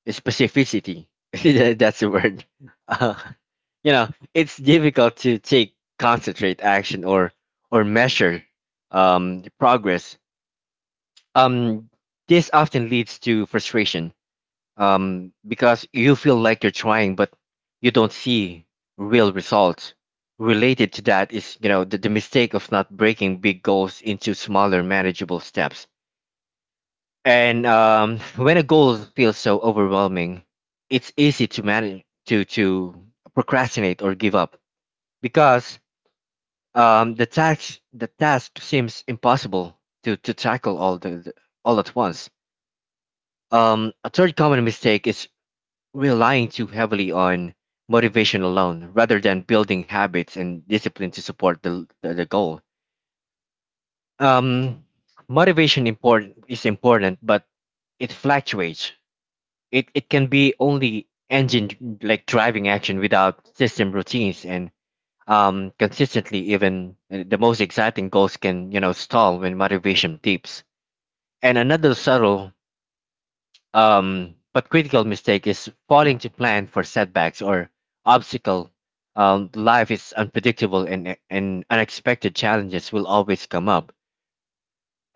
Speaker 1: Specificity That- that's the word. Uh, you know it's difficult to take concentrate action or or measure um progress. um, this often leads to frustration, um, because you feel like you're trying, but you don't see real results. Related to that is, you know, the, the mistake of not breaking big goals into smaller, manageable steps. And um, When a goal feels so overwhelming, it's easy to manage to to procrastinate or give up because, um, the task the task seems impossible to to tackle all the the- all at once. Um, a third common mistake is relying too heavily on motivation alone rather than building habits and discipline to support the, the, the goal. Um, motivation important is important, but it fluctuates. It, it can be only engine like driving action without system routines and um, consistently, even uh, the most exciting goals can you know stall when motivation dips. And another subtle, Um, but critical mistake is failing to plan for setbacks or obstacle. Um, life is unpredictable, and, and unexpected challenges will always come up.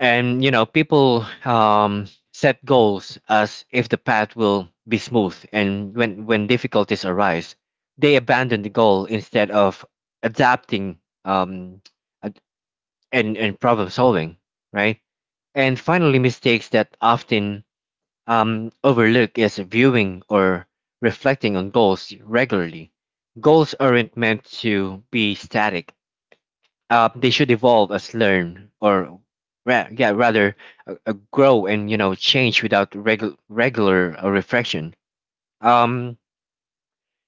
Speaker 1: And you know, people, um, set goals as if the path will be smooth, and when when difficulties arise, they abandon the goal instead of adapting, um, ad- and and problem solving, right? And finally, mistakes that often, um, overlook is viewing or reflecting on goals regularly. Goals aren't meant to be static. Uh, they should evolve as learn or ra- yeah, rather uh, uh, grow and you know change without regu- regular uh, reflection. Um,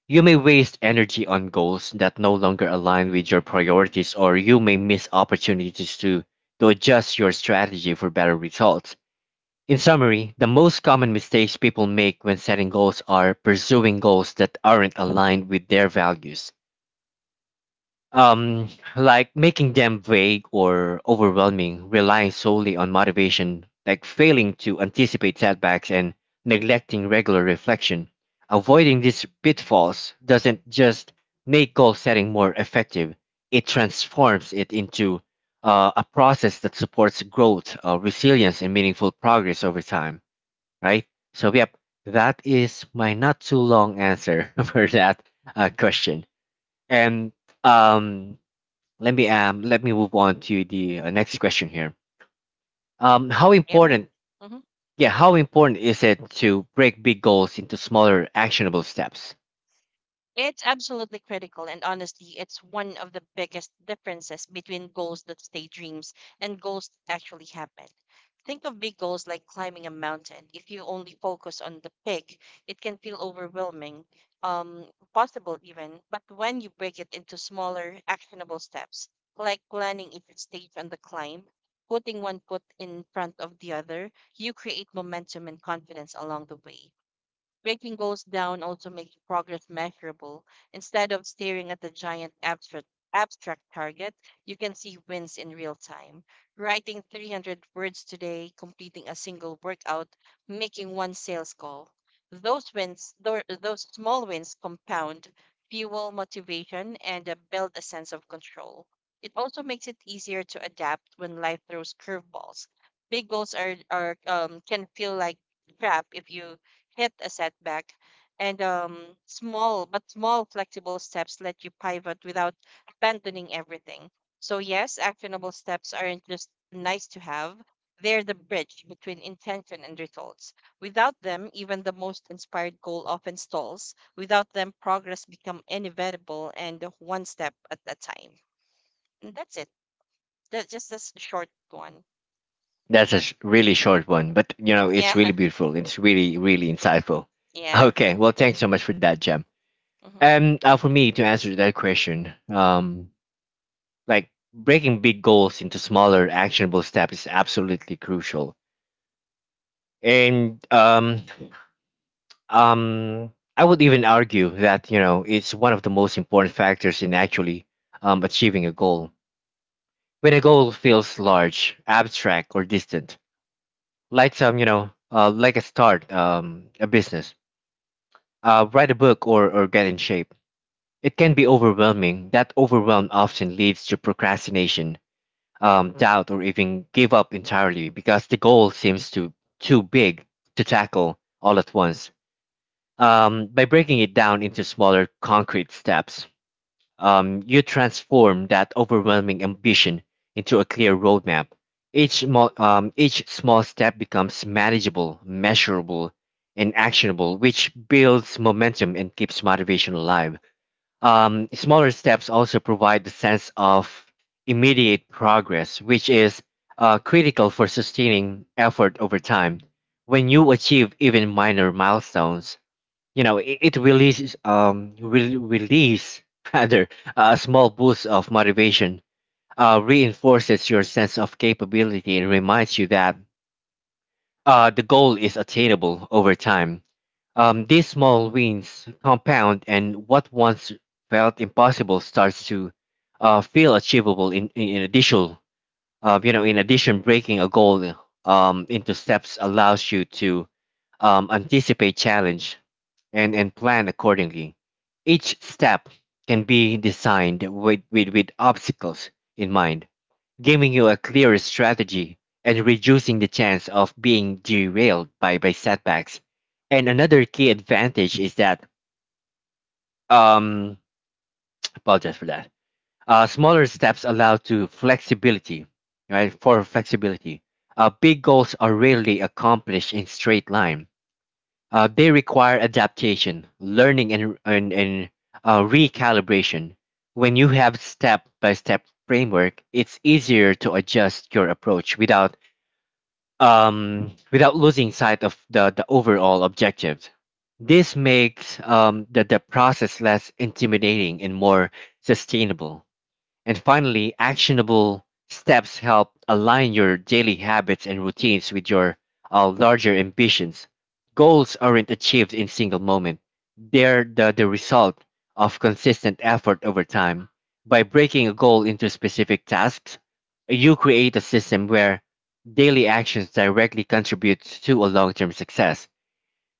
Speaker 1: you may waste energy on goals that no longer align with your priorities, or you may miss opportunities to to adjust your strategy for better results. In summary, the most common mistakes people make when setting goals are pursuing goals that aren't aligned with their values. Um, like making them vague or overwhelming, relying solely on motivation, like failing to anticipate setbacks and neglecting regular reflection. Avoiding these pitfalls doesn't just make goal setting more effective, it transforms it into uh, a process that supports growth, uh, resilience, and meaningful progress over time, right? So, yep, that is my not too long answer for that uh, question. And um, let me um, let me move on to the uh, next question here. Um, how
Speaker 2: Yeah, yeah.
Speaker 1: important?
Speaker 2: Mhm.
Speaker 1: Yeah, how important is it to break big goals into smaller, actionable steps?
Speaker 2: It's absolutely critical, and honestly, it's one of the biggest differences between goals that stay dreams and goals that actually happen. Think of big goals like climbing a mountain. If you only focus on the peak, it can feel overwhelming, um, possible even. But when you break it into smaller, actionable steps, like planning each stage on the climb, putting one foot in front of the other, you create momentum and confidence along the way. Breaking goals down also makes progress measurable. Instead of staring at the giant abstract abstract target, you can see wins in real time. Writing three hundred words today, completing a single workout, making one sales call. Those wins, tho- those small wins compound, fuel motivation, and uh, build a sense of control. It also makes it easier to adapt when life throws curveballs. Big goals are, are um, can feel like trap if you hit a setback, and um, small but small flexible steps let you pivot without abandoning everything. So yes, actionable steps aren't just nice to have. They're the bridge between intention and results. Without them, even the most inspired goal often stalls. Without them, progress become inevitable and one step at a time. And that's it. That's just this short one.
Speaker 1: That's a sh- really short one, but you know it's
Speaker 2: Yeah,
Speaker 1: really beautiful. It's really, really insightful.
Speaker 2: yeah.
Speaker 1: Okay, well, thanks so much for that, Jem.
Speaker 2: Hmm.
Speaker 1: And uh, for me to answer that question, um, like breaking big goals into smaller actionable steps is absolutely crucial, and um um I would even argue that you know it's one of the most important factors in actually, um, achieving a goal. When a goal feels large, abstract, or distant, like some you know uh, like a start um, a business, uh, write a book, or or get in shape, it can be overwhelming. That overwhelm often leads to procrastination, um, doubt, or even give up entirely because the goal seems too too big to tackle all at once. Um, by breaking it down into smaller concrete steps, um, you transform that overwhelming ambition into a clear roadmap. Each, small, um, each small step becomes manageable, measurable, and actionable, which builds momentum and keeps motivation alive. Um, smaller steps also provide the sense of immediate progress, which is uh, critical for sustaining effort over time. When you achieve even minor milestones, you know it, it releases, um will release rather, a small boost of motivation, uh, reinforces your sense of capability, and reminds you that uh, the goal is attainable over time. Um, these small wins compound, and what once felt impossible starts to uh, feel achievable. In in in addition, uh, you know, in addition, breaking a goal um, into steps allows you to, um, anticipate challenge and and plan accordingly. Each step can be designed with with, with obstacles in mind, giving you a clearer strategy and reducing the chance of being derailed by, by setbacks. And another key advantage is that, um, apologize for that, uh, smaller steps allow to flexibility, right? For flexibility. Uh, big goals are rarely accomplished in straight line. Uh, they require adaptation, learning, and, and, and uh, recalibration. When you have step by step framework, it's easier to adjust your approach without, um, without losing sight of the, the overall objective. This makes um, the, the process less intimidating and more sustainable. And finally, actionable steps help align your daily habits and routines with your uh, larger ambitions. Goals aren't achieved in single moment. They're the, the result of consistent effort over time. By breaking a goal into specific tasks, you create a system where daily actions directly contribute to a long-term success,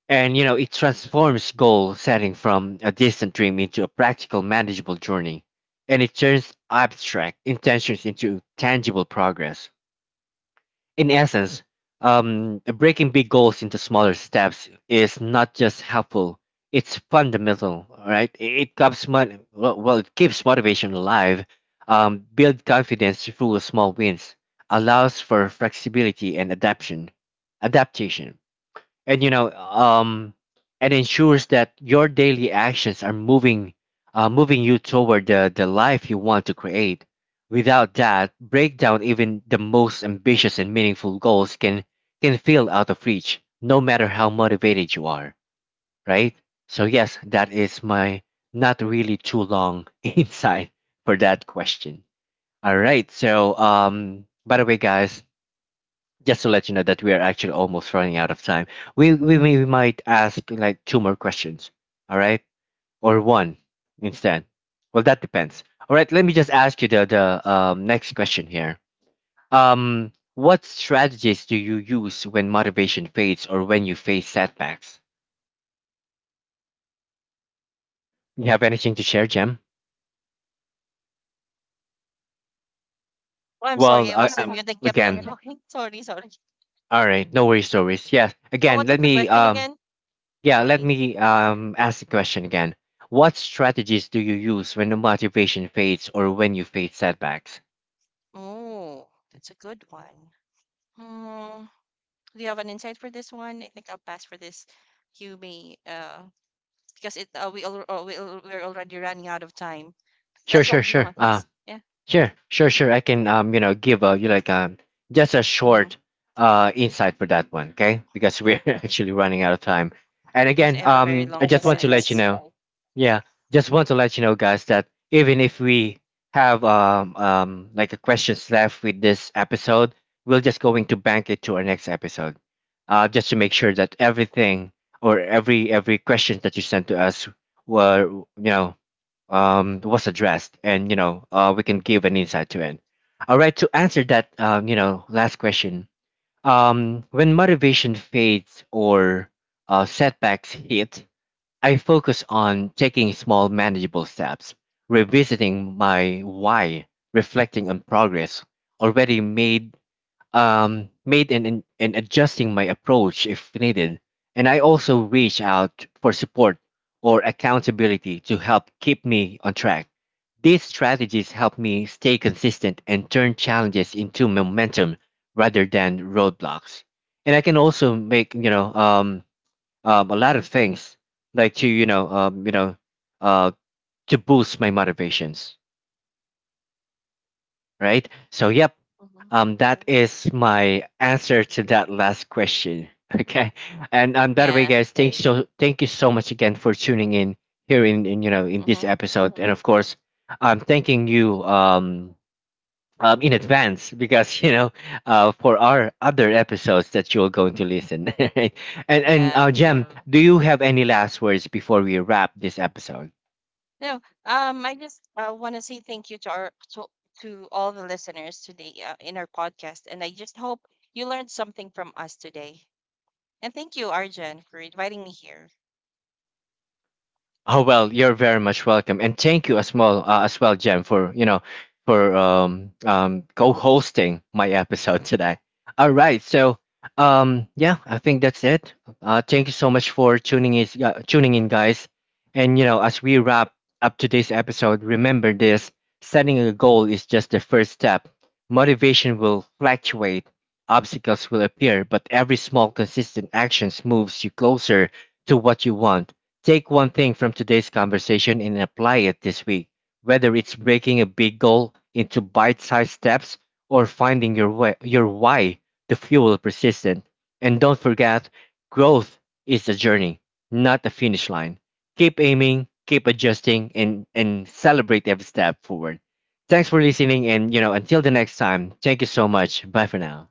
Speaker 1: and you know, it transforms goal setting from a distant dream into a practical, manageable journey. And it turns abstract intentions into tangible progress. In essence, um, breaking big goals into smaller steps is not just helpful, it's fundamental, all right? It, it, keeps, mon- well, well, It keeps motivation alive, um, build confidence through small wins, allows for flexibility and adaptation. adaptation and you know um and ensures that your daily actions are moving, uh, moving you toward the, the life you want to create. Without that breakdown, even the most ambitious and meaningful goals can can feel out of reach, no matter how motivated you are, right? So yes, that is my not really too long insight for that question. All right, so um, by the way, guys, just to let you know that we are actually almost running out of time. We we, we might ask like two more questions, all right, or one instead. Well, that depends. All right, let me just ask you the the um, next question here. Um, what strategies do you use when motivation fades or when you face setbacks? You have anything to share, Jem?
Speaker 2: Oh, I'm
Speaker 1: Well,
Speaker 2: sorry. I
Speaker 1: uh,
Speaker 2: was on
Speaker 1: um,
Speaker 2: mute. I kept on
Speaker 1: again,
Speaker 2: talking. Sorry, sorry.
Speaker 1: all right, no worries, no worries. Yes,
Speaker 2: Oh,
Speaker 1: again,
Speaker 2: what was
Speaker 1: let
Speaker 2: the
Speaker 1: me
Speaker 2: question
Speaker 1: um.
Speaker 2: again?
Speaker 1: Yeah, let
Speaker 2: Sorry.
Speaker 1: me um, ask the question again. What strategies do you use when the motivation fades or when you face setbacks?
Speaker 2: Oh, that's a good one. Hmm. Do you have an insight for this one? I think I'll pass for this. You may, uh, because it uh, we al uh, we al we're already running out of time.
Speaker 1: Sure,
Speaker 2: That's
Speaker 1: sure,
Speaker 2: what I'm
Speaker 1: sure. Uh,
Speaker 2: honest. Yeah.
Speaker 1: sure, sure, sure. I can um, you know, give a you like um, just a
Speaker 2: Mm-hmm.
Speaker 1: short uh insight for that one, okay? Because we're
Speaker 2: Yeah.
Speaker 1: actually running out of time. And
Speaker 2: Because I
Speaker 1: again,
Speaker 2: have a very
Speaker 1: um, I
Speaker 2: long
Speaker 1: just want to
Speaker 2: insight.
Speaker 1: let you
Speaker 2: So.
Speaker 1: know, yeah, just want to let you know, guys, that even if we have um um like a questions left with this episode, we will just going to bank it to our next episode, uh, just to make sure that everything or every every question that you sent to us were you know, um, was addressed, and you know, uh, we can give an insight to it. All right, to answer that, um, you know, last question. Um, when motivation fades or uh, setbacks hit, I focus on taking small, manageable steps, revisiting my why, reflecting on progress already made, um, made and, and and adjusting my approach if needed. And I also reach out for support or accountability to help keep me on track. These strategies help me stay consistent and turn challenges into momentum rather than roadblocks. And I can also make you know um, um a lot of things like to you know um, you know uh to boost my motivations, right? So yep,
Speaker 2: Mhm.
Speaker 1: um, that is my answer to that last question. Okay, and um, by the way,
Speaker 2: Yeah.
Speaker 1: guys, thanks so thank you so much again for tuning in here in, in you know in this
Speaker 2: Mm-hmm.
Speaker 1: episode, and of course, I'm thanking you um um, in advance because you know uh, for our other episodes that you're going to listen. And and
Speaker 2: Yeah.
Speaker 1: uh, Jem, do you have any last words before we wrap this episode?
Speaker 2: No. Um. I just uh, want to say thank you to our to to all the listeners today uh, in our podcast, and I just hope you learned something from us today. And thank you, Arjan, for inviting me here.
Speaker 1: Oh well, you're very much welcome, and thank you as well, uh, as well, Jem, for you know for um um co-hosting my episode today. All right, so um, yeah, I think that's it. Uh, thank you so much for tuning is uh, tuning in, guys. And you know, as we wrap up today's episode, remember this: setting a goal is just the first step. Motivation will fluctuate, obstacles will appear, but every small consistent actions moves you closer to what you want. Take one thing from today's conversation and apply it this week, whether it's breaking a big goal into bite sized steps or finding your, way, your why to fuel persistence. And don't forget, growth is a journey, not a finish line. Keep aiming, keep adjusting, and, and celebrate every step forward. Thanks for listening, and you know, until the next time, thank you so much. Bye for now.